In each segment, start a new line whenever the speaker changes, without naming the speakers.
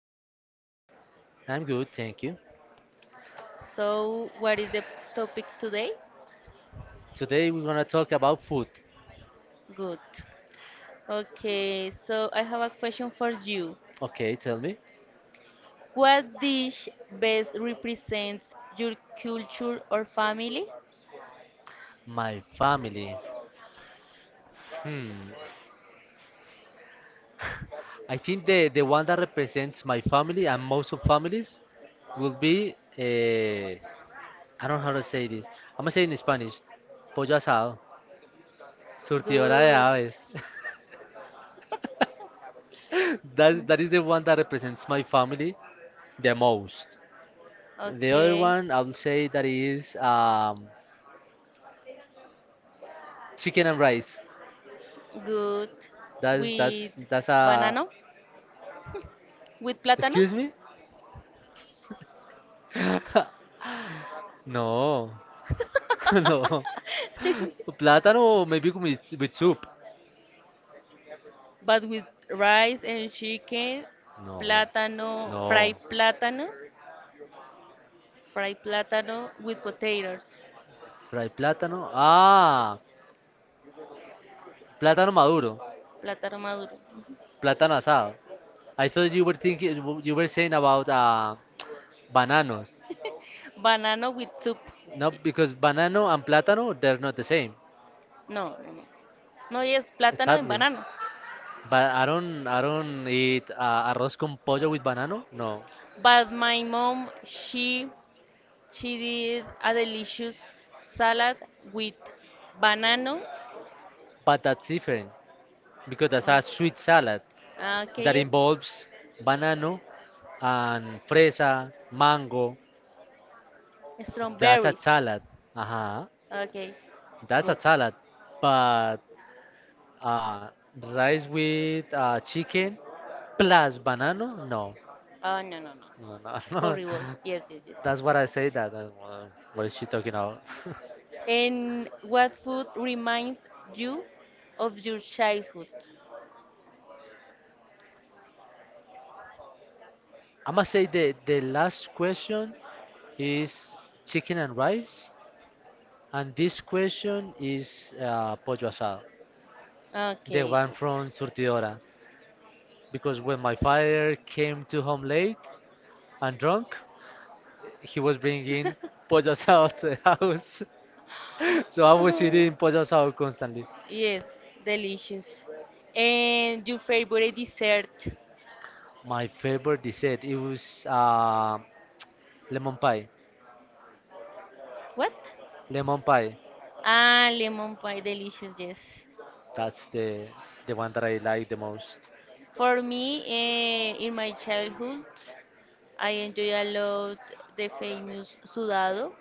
How are you?
I'm good, thank you.
So, what is the topic today?
Today we're gonna talk about food.
Good. Okay, so I have a question for you.
Okay, tell me.
What dish best represents your culture or family?
My family. Hmm. I think the one that represents my family and most of families will be, I don't know how to say this. I'm gonna say it in Spanish. Pollo asado. Surtidora de
Good.
aves. That is the one that represents my family the most. The other
Okay.
one I will say that is chicken and rice.
Good.
That's that's
With
that's a
banana? With plátano?
Excuse me? No, no. Plátano, maybe with soup.
but with rice and chicken,
No,
plátano, fried
no.
plátano, fried plátano with potatoes.
Fried plátano. Ah, plátano maduro.
Plátano maduro. Ujú.
Plátano asado. I thought you were thinking, you were saying about bananas.
Banano with soup.
No, because banano and plátano, they're not the same.
No, no, no. No, yes, plátano en
Exactly.
banano.
But I don't eat arroz con pollo with banano. No,
But my mom, she did a delicious salad with banana.
but that's different because that's a sweet
Ah,
salad,
ah, okay,
that
yes.
involves banana and fresa, mango. That's a
Strawberries.
salad. Uh-huh.
Okay.
That's a
Good.
salad. But uh, rice with chicken plus banana? No.
Oh, no, no, no.
No, no, no.
Horrible. Yes, yes, yes.
That's what I say that. What is she talking about?
And what food reminds you of your childhood?
I must say the last question is chicken and rice. And this question is pollo asado. The
Okay,
one
good.
from Surtidora, because when my father came to home late and drunk, he was bringing pollo asado to the house. So I was eating pollo asado constantly.
Yes, delicious. And your favorite dessert?
My favorite dessert it was lemon pie.
What?
Lemon pie.
Ah, lemon pie, delicious, yes.
That's the one that I like the most.
For me, in my childhood, I enjoy a lot the famous sudado,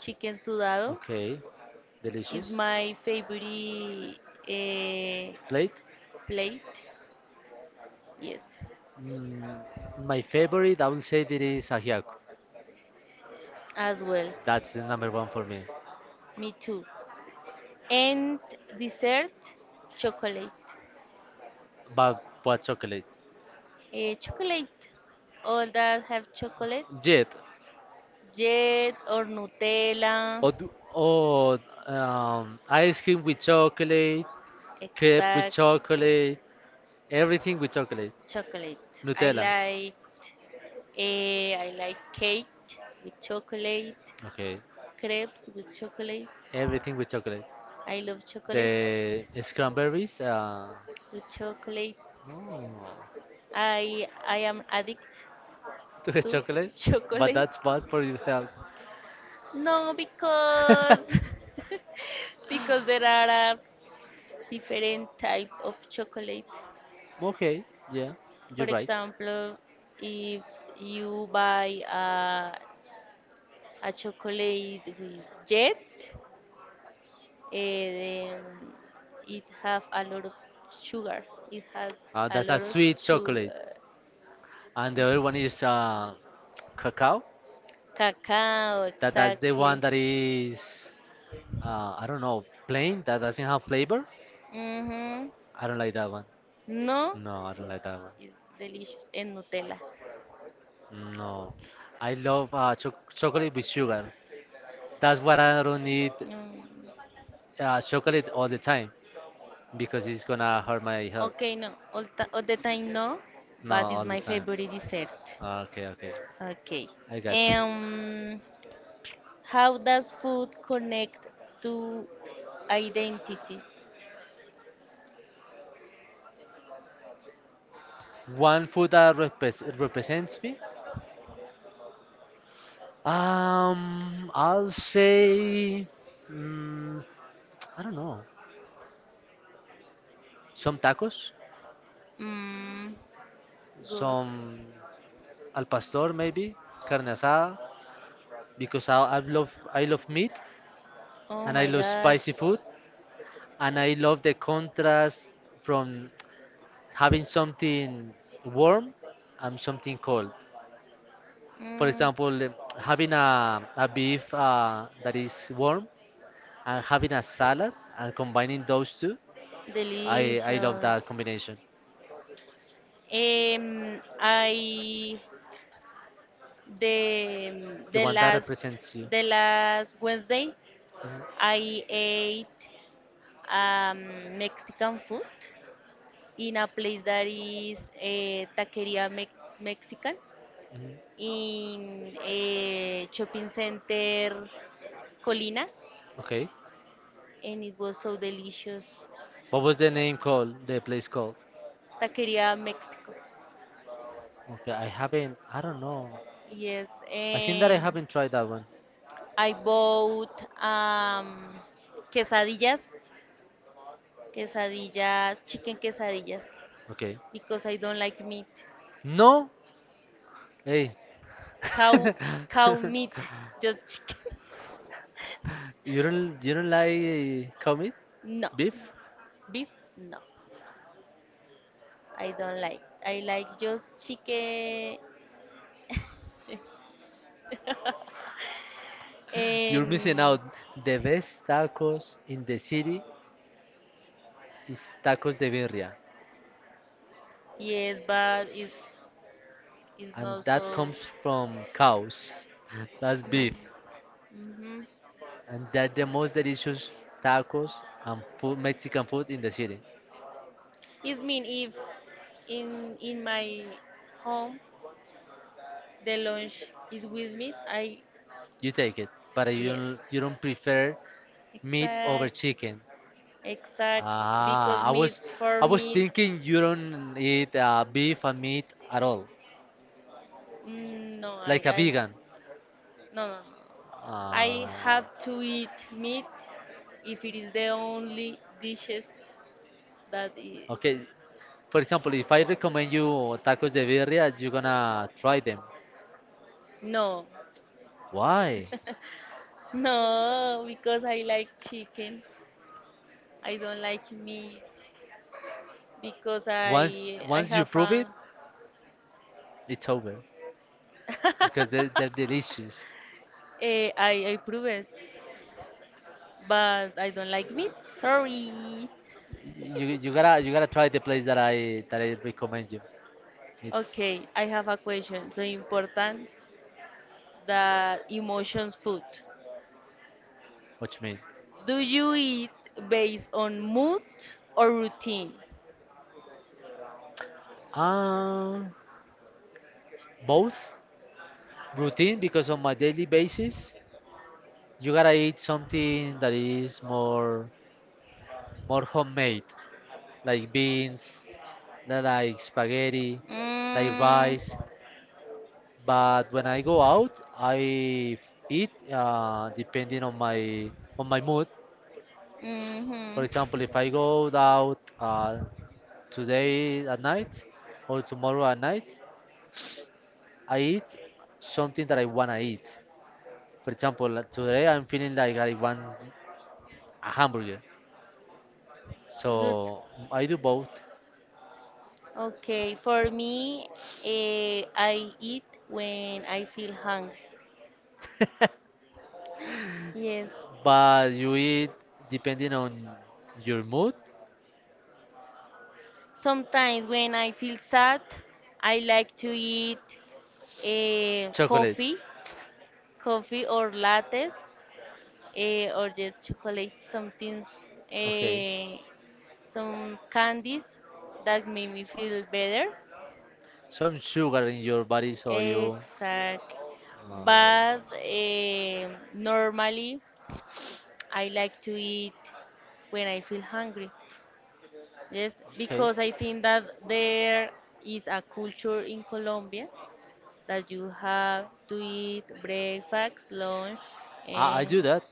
chicken sudado.
Okay,
Is
delicious.
my favorite eh,
Plate.
plate, yes.
Mm, my favorite, I will say, that is ajiaco.
As well.
That's the number one for me.
Me too. And dessert, chocolate.
But what chocolate?
Chocolate. All that have chocolate.
Jet.
Jet or Nutella.
Or, do, or ice cream with chocolate, crepe with
Exact.
chocolate, everything with chocolate.
Chocolate. I
Nutella.
liked. I like cake with chocolate.
Okay,
Crepes with chocolate.
everything with chocolate.
I love chocolate
The strawberries.
with chocolate.
Oh,
I am addict
to the
to
chocolate, but
chocolate.
that's bad for your health.
No, because because there are a different type of chocolate.
Okay, yeah,
For
you're right.
example, if you buy a chocolate with jet, eh, um, it have a lot of sugar. It has a
That's a
lot of sweet
sweet
chocolate
chocolate,
sugar.
and the other one is cacao.
Cacao,
That's the
exactly.
one that is I don't know plain that doesn't have flavor.
Mm-hmm.
I don't like that one.
No,
No, I don't like
it's,
that
it's delicious. And Nutella.
one. No, I love chocolate with sugar. That's what I don't need
Mm,
chocolate all the time because it's gonna hurt my health.
Okay, no, all the time no,
No,
but it's
all the
my
time.
favorite dessert.
Okay, okay,
Okay.
I got you.
Um, how does food connect to identity?
One food that represents me? I'll say, mm, I don't know, some tacos,
Mm, good.
some al pastor maybe, carne asada, because I love meat
Oh
and I
my
love
gosh.
spicy food, and I love the contrast from having something warm and something cold. For
Mm,
example, having a beef that is warm and having a salad and combining those two, I love
delicious.
that combination.
I de,
The one that represents you.
de las Wednesday,
Mhm,
I ate Mexican food in a place that is Taqueria Mexican
mhm.
in a shopping center Colina,
Okay.
and it was so delicious.
What was the name called? The place called?
Taqueria Mexico.
Okay, I haven't. I don't know.
Yes,
I think that I
and
haven't tried that one.
I bought quesadillas, quesadillas, chicken quesadillas.
Okay.
Because I don't like meat.
No. Hey.
Cow, cow meat, just chicken.
You don't like commit
No,
beef?
beef, no, I don't like. I like just chicken
You're
and
missing out. The best tacos in the city is tacos de birria,
yes, but it's
and
not
that
so.
comes from cows. That's beef,
Hmm.
and they're the most delicious tacos and food, Mexican food in the city.
It's mean if in my home the lunch is with meat. I
You take it, but
Yes,
you don't prefer meat over
exact.
chicken.
Exactly, because
Ah,
me
I
for
was
me,
thinking you don't eat beef and meat at all,
no,
like a vegan.
no, no, no. I
Uh,
have to eat meat if it is the only dishes that
okay, for example, if I recommend you tacos de birria, you're gonna try them.
No,
Why?
no, because I like chicken. I don't like meat because
Once
I
once you
have
prove it,
a,
it's over because they're delicious.
a I prove it, but I don't like meat. Sorry.
You gotta try the place that I recommend you. It's
Okay, I have a question. So important that emotions food.
what you mean.
Do you eat based on mood or routine?
Um, both routine because on my daily basis, you gotta eat something that is more homemade, like beans, like spaghetti, like
Mm,
rice. But when I go out, I eat depending on my mood. For
mm-hmm.
example, if I go out today at night or tomorrow at night, I eat something that I wanna eat. For example, like today I'm feeling like I want a hamburger,
Good.
so I do both.
Okay, for me, I eat when I feel hungry. Yes,
But you eat depending on your mood.
sometimes when I feel sad, I like to eat eh,
Chocolate.
coffee, coffee or lattes, or just chocolate, something,
Okay.
eh, some candies that make me feel better.
Some sugar in your body, so you.
Exact.
Uh,
But normally I like to eat when I feel hungry. Yes,
okay.
because I think that there is a culture in Colombia that you have to eat breakfast, lunch,
I do
and
that.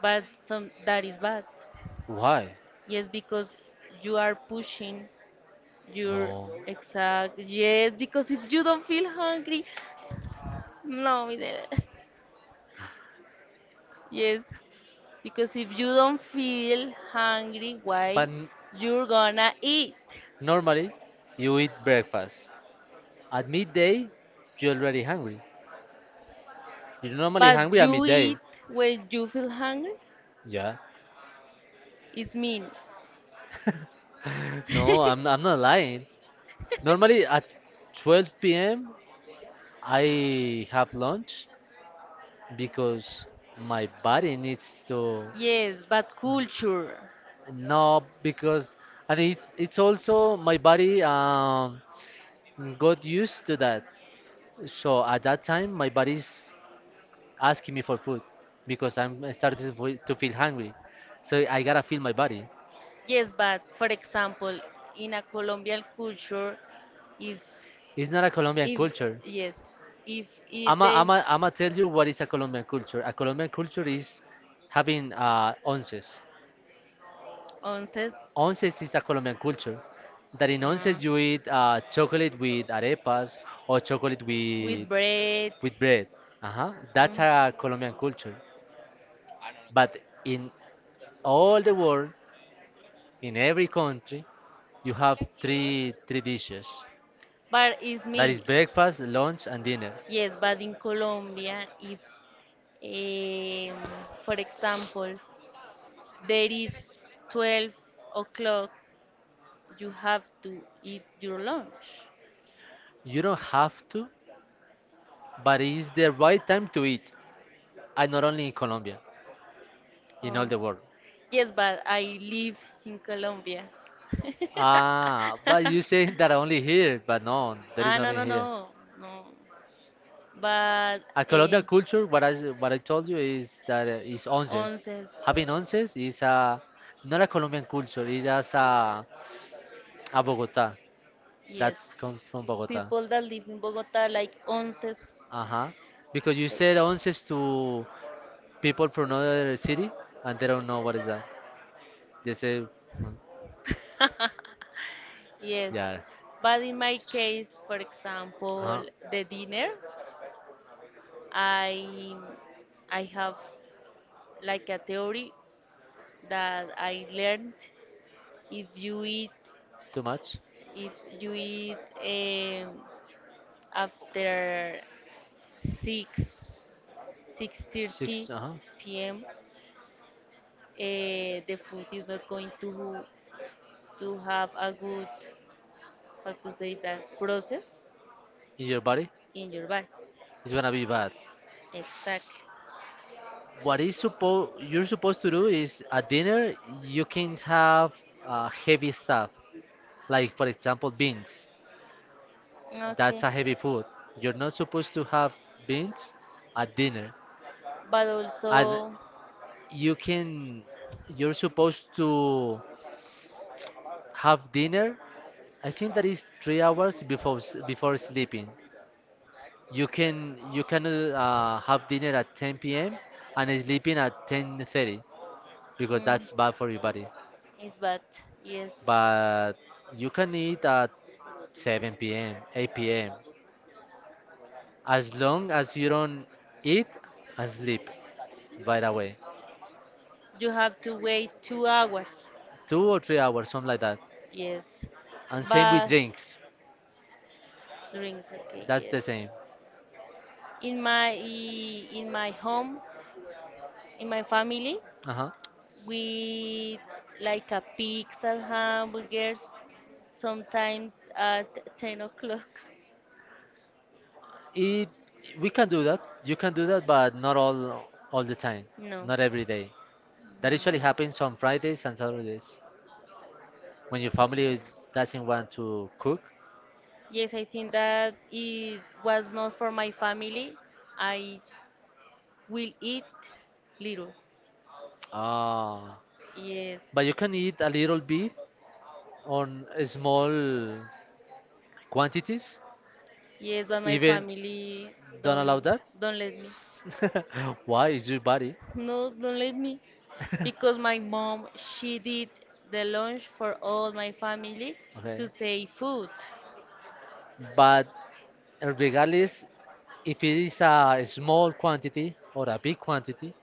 but some that is bad.
Why?
Yes, because you are pushing your
No.
exact. Yes, because if you don't feel hungry, no, mi nena. Yes, because if you don't feel hungry,
But
why
n-
you're gonna eat?
Normally, you eat breakfast. At midday, you're already hungry. You're normally
But
hungry at
you
midday.
eat when you feel hungry.
Yeah.
It's mean.
No, I'm not lying. Normally at 12 p.m. I have lunch because my body needs to
Yes, but culture.
no because and it's also my body got used to that. So at that time my body's asking me for food because I'm starting to feel hungry. So I gotta feel my body.
Yes, but for example, in a Colombian culture, if
It's not a Colombian
if
culture.
yes, if they
I'm gonna tell you what is a Colombian culture. A Colombian culture is having onces.
onces,
Onces is a Colombian culture that in onces you eat
uh,
chocolate with arepas or chocolate
with
with
bread,
bread. Uh-huh. That's
mm,
a Colombian culture. But in all the world, in every country, you have three dishes.
but it's
That is
mean
breakfast, lunch, and dinner.
yes, but in Colombia, if um, for example, there is 12 o'clock. You have to eat your lunch.
You don't have to, but it's the right time to eat. And not only in Colombia, in all
Oh.
the world.
Yes, but I live in Colombia.
Ah, but you say that only here, but no, there is
Ah, no,
nothing
no,
here.
no, no. But
At
eh,
Colombian culture, what I told you is that is onces.
onces,
Having onces is a not a Colombian culture. It is a Bogota. That
yes.
comes from Bogota.
People that live in Bogota like onces,
Uh huh. Because you said onces to people from another city, and they don't know what is that. They say, "Mm,
yes.
yeah,
But in my case, for
uh
example,
huh,
the dinner. I I have like a theory that I learned if you eat
too much,
if you eat um, after 6
six,
6:30
uh huh,
p.m. The food is not going to have a good how to say that process
in your body,
in your body.
it's gonna be bad.
Exactly.
What is supposed You're supposed to do is at dinner you can have heavy stuff. Like, for example, beans. That's a heavy food. You're not supposed to have beans at dinner.
But
And
also.
you can, you're supposed to have dinner. I think that is 3 hours before before sleeping. You can have dinner at 10 p.m. and sleeping at 10:30 because
Mm.
that's bad for your body.
It's bad. Yes.
But you can eat at 7 p.m., 8 p.m. as long as you don't eat and sleep, by the way.
You have to wait 2 hours.
2 or 3 hours, something like that.
Yes.
And same with
But
drinks.
drinks. Okay.
That's the
Yes.
same.
In my home, in my family,
Uh-huh.
we like a pizza, hamburgers. Sometimes at 10 o'clock.
It We can do that. You can do that, but not all the time.
No.
Not every day. That usually happens on Fridays and Saturdays when your family doesn't want to cook.
Yes, I think that it was not for my family. I will eat little.
Ah,
Yes.
but you can eat a little bit on small quantities.
Yes, but my
Even
family
don't
don't
allow that.
don't let me.
Why? It's your body.
No, don't let me. Because my mom, she did the lunch for all my family to
Okay.
say food.
But regardless if it is a small quantity or a big quantity,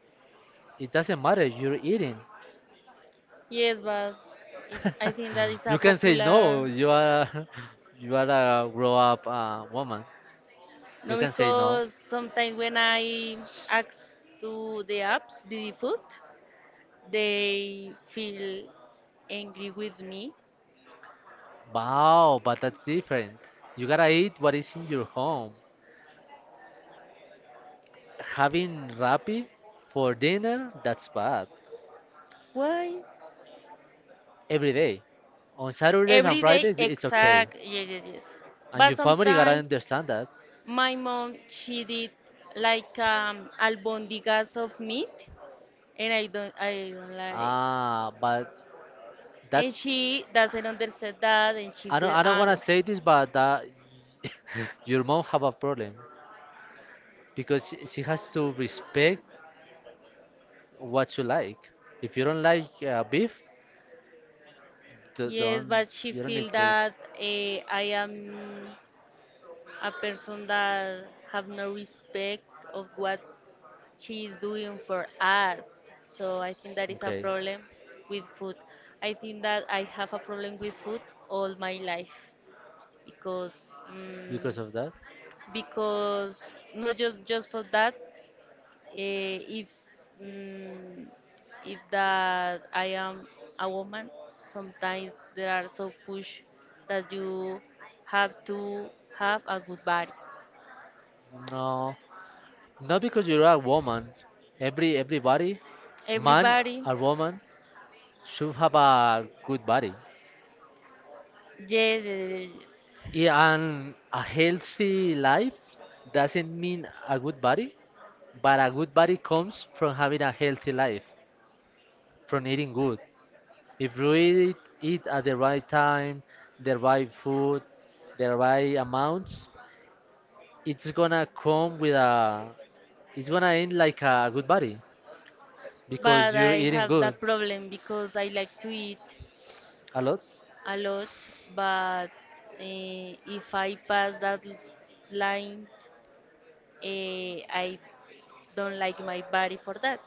it doesn't matter. You're eating.
Yes, but I think that is a
You can say no.
popular.
You are you are a grow up woman. You
No,
can say no.
because sometimes when I ask to the apps, the food, they feel angry with me.
Wow, but that's different. You gotta eat what is in your home. Having rapi for dinner, that's bad.
Why?
Every day. On Saturdays and
Every day,
Fridays, it's okay.
exact. Yes, yes, yes.
And
But
your family gotta
sometimes
understand that.
my mom she did like albondigas of meat, and I don't like.
Ah, but
And
that's.
she doesn't understand that, and she feel
I don't wanna say
angry.
this, but that your mom have a problem because she has to respect what you like. If you don't like beef,
Yes,
don't
but she
you don't need
feel
to eat.
that I am a person that have no respect of what she is doing for us. So I think that is a
Okay,
problem with food. I think that I have a problem with food all my life because mm
because of that?
because not just for that. eh, if mm, if that I am a woman, sometimes there are so push that you have to have a good body.
No, not because you're a woman. Everybody, man
Everybody,
or woman, should have a good body.
yes, yes,
Yeah,
yes.
and
Yes.
a healthy life doesn't mean a good body. But a good body comes from having a healthy life, from eating good. If you eat, eat at the right time, the right food, the right amounts, it's gonna come with a. It's gonna end like a good body because
But
you're
I
eating
have
good
that problem because I like to eat
a lot.
a lot, but if I pass that line, uh, I don't like my body for that.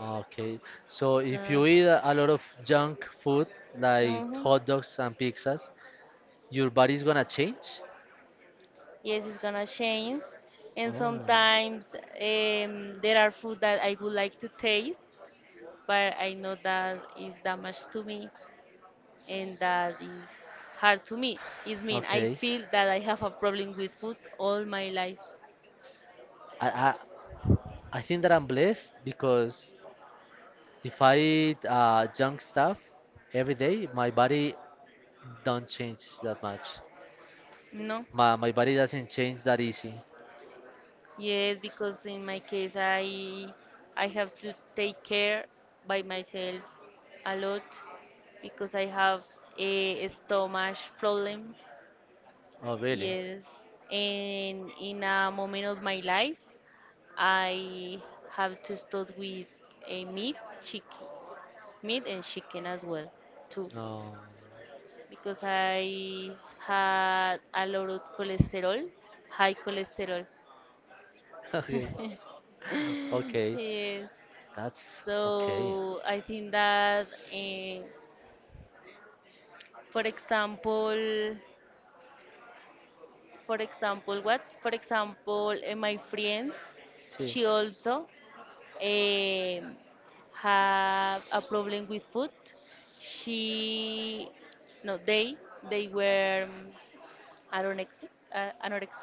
Okay, so
So,
if you eat a lot of junk food like
mhm.
hot dogs and pizzas, your body's gonna change.
Yes, it's gonna change. And
Oh.
sometimes there are food that I would like to taste, but I know that is damage to me. And that is hard to me. It means I
Okay.
feel that I have a problem with food all my life.
I, I I think that I'm blessed because if I eat junk stuff every day, my body don't change that much.
No.
My body doesn't change that easy.
Yes, because in my case I have to take care by myself a lot because I have a stomach problem.
Oh really?
Yes, and in a moment of my life I have to start with a meat, chicken, meat and chicken as well too.
Oh.
Because I had a lot of cholesterol, high cholesterol.
Okay. Okay.
Yes.
That's okay.
So I think that, for example, for example, what? For example, my friends,
See,
she also eh, have a problem with food. She, no, they were anorexic. Anorexic.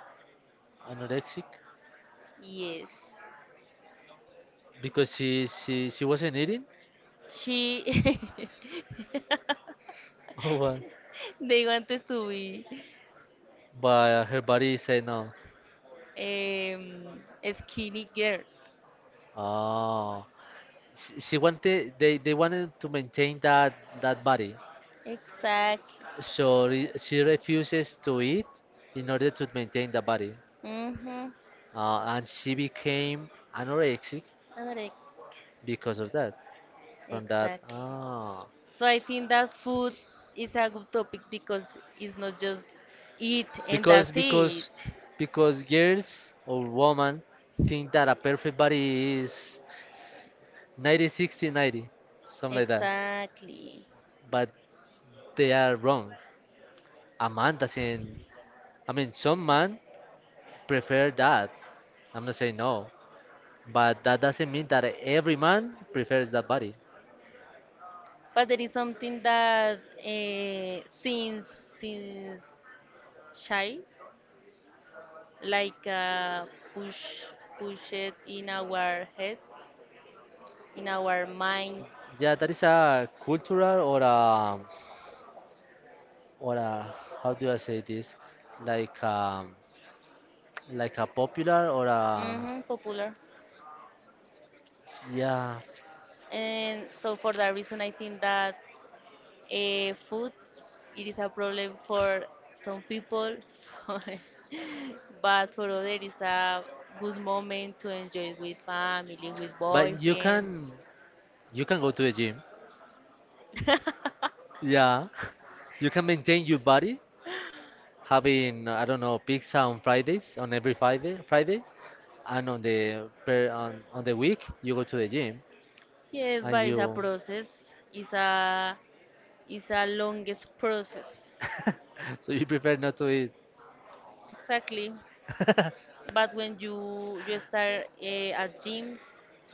anorexic
Yes.
because she wasn't eating
She
Oh what?
They wanted to be
But her body said no.
um, skinny girls.
Oh. She wanted they wanted to maintain that body
Exactly.
so she refuses to eat in order to maintain the body
Mm-hmm.
and she became anorexic
Anorexia.
because of that from that
Exactly.
ah
So I think that food is a good topic because it's not just eat and
because
that's it.
because girls or women think that a perfect body is 90 60 90, something like that,
Exactly.
but they are wrong. A man doesn't, I mean some man prefer that. I'm not saying no, but that doesn't mean that every man prefers that body.
But there is something that since child, like push push it in our head, in our minds.
Yeah, that is a cultural or a how do I say this? Like um like a popular or a
Hmm. Popular.
yeah.
And so for that reason, I think that food it is a problem for some people, but for others, it's a good moment to enjoy with family, with
But
boyfriends.
you can go to the gym. Yeah, you can maintain your body having I don't know pizza on Fridays on every Friday, and on the per on the week you go to the gym
Yes,
and
but it's a
you.
process. It's a longest process.
So you prefer not to eat.
Exactly. But when you start at gym,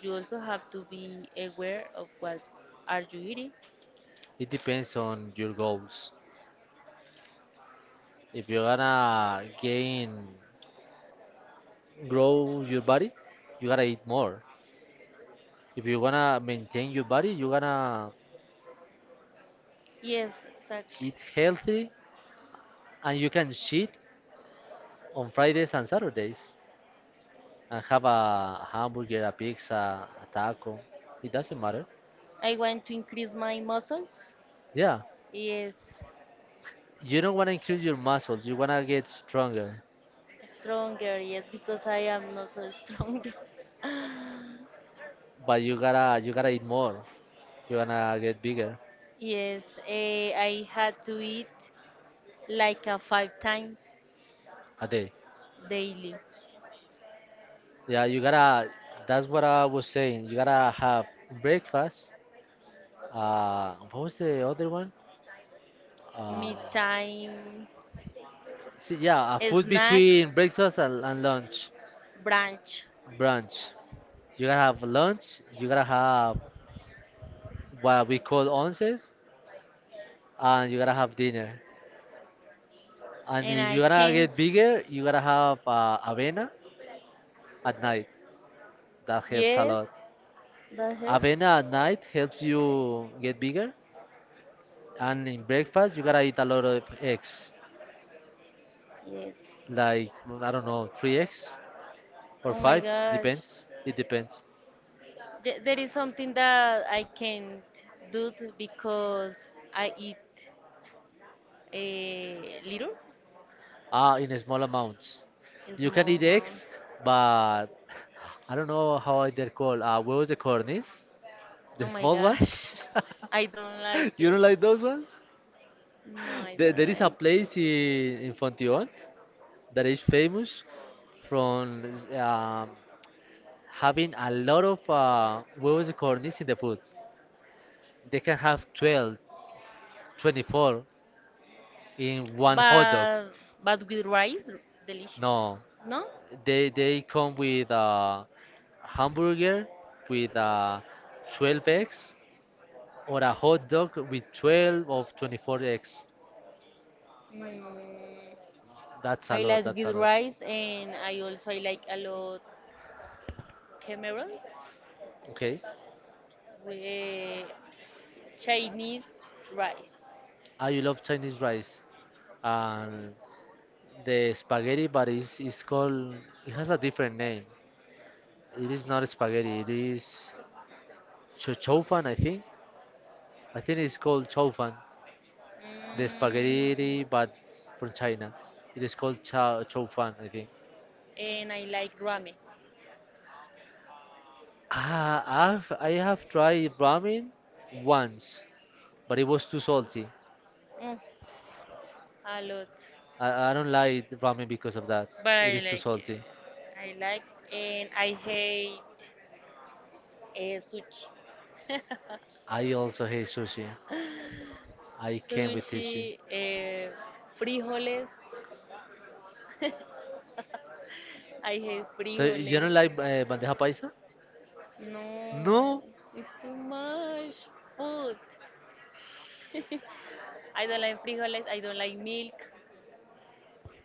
you also have to be aware of what are you eating.
It depends on your goals. If you're gonna gain, grow your body, you gotta eat more. If you wanna maintain your body, you gotta
Yes, exactly.
eat healthy, and you can cheat on Fridays and Saturdays and have a hamburger, a pizza, a taco. It doesn't matter.
I want to increase my muscles.
Yeah,
Yes,
you don't wanna increase your muscles. You wanna get stronger,
stronger. Yes, because I am not so strong.
but you gotta eat more. You wanna get bigger
Yes, I had to eat like a 5 times
a day.
daily.
Yeah, you gotta. That's what I was saying. You gotta have breakfast. What was the other one? Uh,
Meat time,
see, yeah, a food between
snacks,
breakfast and lunch,
brunch,
brunch. You gotta have lunch. You gotta have what we call onces, and you gotta have dinner. And
and
if you
I
gotta
can't.
get bigger, you gotta have avena at night. That helps a
Yes,
lot.
that her.
Avena at night helps you get bigger. And in breakfast, you gotta eat a lot of eggs.
Yes.
Like I don't know, 3 eggs or
Oh my
5,
gosh.
depends. It depends.
There is something that I can't do because I eat a little,
Ah, in small amounts.
a
You can
small
eat
amount.
eggs, but I don't know how they're called. What was the cornies?
Oh
The
my
small ones?
gosh. I don't like
You
it.
don't like those ones?
No, I
There,
don't
there is a
like
place
it.
in Fontion that is famous from um, having a lot of what was the cornice in the food. They can have 12, 24 in one hot dog.
But but with rice, delicious.
No,
No?
they come with a hamburger with 12 eggs or a hot dog with 12 of 24 eggs.
Mm,
That's a
I
lot.
like
That's a
good
lot.
rice and I also I like a lot Cameron
Okay.
with Chinese rice.
I love Chinese rice and the spaghetti, but it's called. It has a different name. It is not spaghetti. It is chow fan, I think. I think it's called chow fan. The
Mhm.
spaghetti, but from China. It is called chow fan, I think.
And I like ramen.
I have tried ramen once, but it was too salty.
Mm, a lot.
I don't like ramen because of that.
But
It
I
is too
like
salty.
uh, I like and I hate sushi.
I also hate sushi. I came with
Sushi,
sushi.
frijoles. I hate
So
frijoles.
you don't like bandeja paisa?
No,
No.
it's too much food. I don't like frijoles, I don't like milk,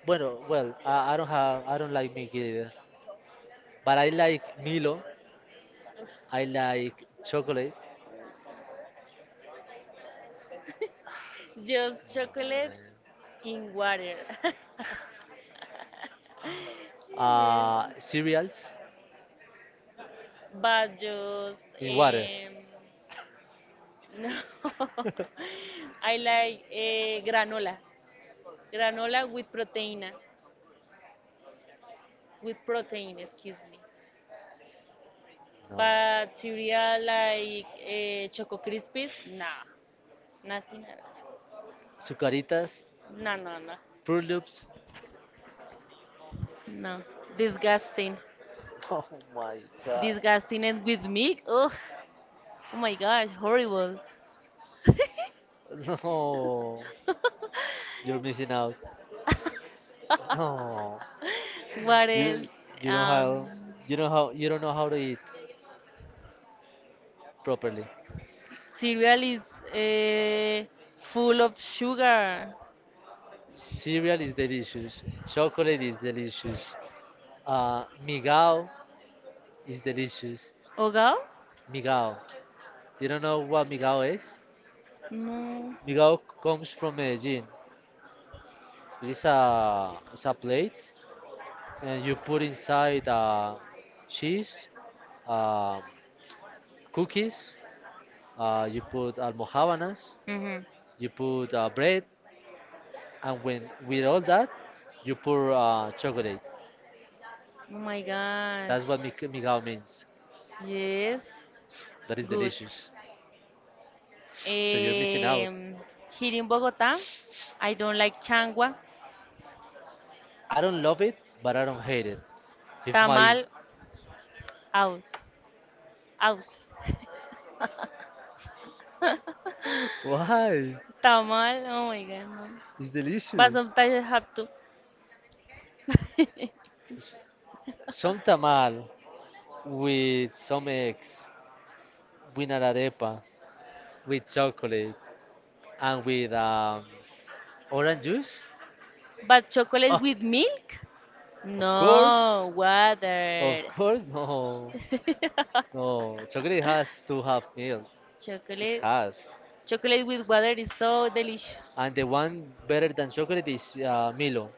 Bueno, well, I don't like milk either. But I like Milo. I like chocolate.
just chocolate in water. Yes.
Cereals
But just
in water.
no. I like granola with protein, excuse me.
No.
But cereal like Choco Krispies, nah, nothing at
Sucaritas,
all. No, no, no.
Fruit Loops.
No, disgusting,
Oh my god.
disgusting, and with milk. Oh, oh my gosh, horrible.
No, you're missing out. No,
What else?
you you don't
Um,
how, you don't how you don't know how to eat properly.
cereal is uh, full of sugar.
Cereal is delicious. Chocolate is delicious. Migao is delicious.
Ogo?
Migao. You don't know what migao is?
No.
Migao comes from Medellin. It's a plate and you put inside cheese, um, cookies, you put almojábanas,
Hmm.
you put bread, and when with all that, you pour chocolate.
Oh my gosh.
That's what migao means.
Yes,
That is
good.
delicious. So you're missing out.
Um, here in Bogota, I don't like changua.
I don't love it, but I don't hate it. If my
Tamal, out, out.
Why?
Tamal, oh my god, no.
It's
But
delicious.
sometimes I have to.
s- some tamal with some eggs, with an arepa, with chocolate, and with orange juice?
But chocolate
Oh,
with milk?
of course,
No, water.
of course. No, no. Chocolate has to have milk. It
Chocolate,
has.
chocolate with water is so delicious.
And the one better than chocolate is Milo.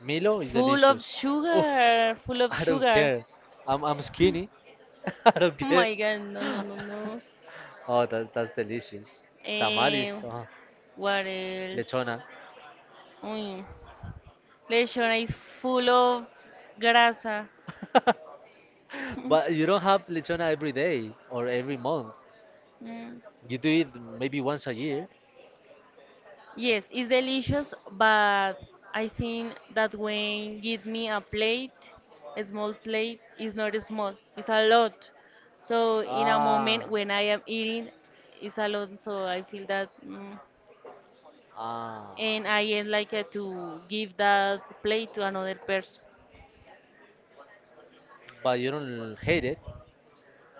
Milo is
Full of
delicious. Oof,
sugar, full of
I don't
sugar.
care. I'm skinny. I don't
Oh
care.
my god, no, no, no, no.
Oh, that's delicious.
Eh,
Tamales, oh,
what else?
lechona.
Uy, lechona is full of grasa.
But you don't have lechona every day or every month.
Mm.
You do it maybe once a year.
Yes, it's delicious, but I think that when give me a plate, a small plate is not small, it's a lot. So in a moment
Ah,
when I am eating, it's a lot. So I feel that,
ah.
and I am like to give that plate to another person.
But you don't hate it.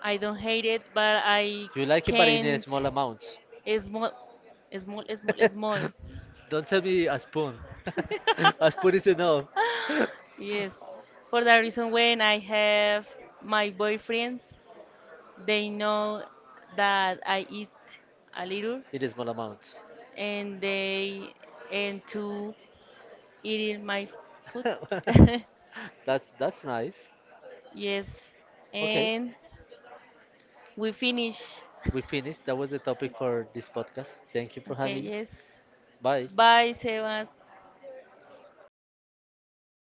I don't hate it, but I
You like it, but in a
can't
small amounts.
small, small, small, small.
Don't tell me a spoon. A spoon is enough.
Yes, for that reason when I have my boyfriends. They know that I eat a little
In a small amounts.
and they and to eating my food.
That's nice.
Yes.
Okay,
And we finish.
we finished. That was the topic for this podcast. Thank you for
Okay,
having.
yes.
Bye.
Bye, Sebas.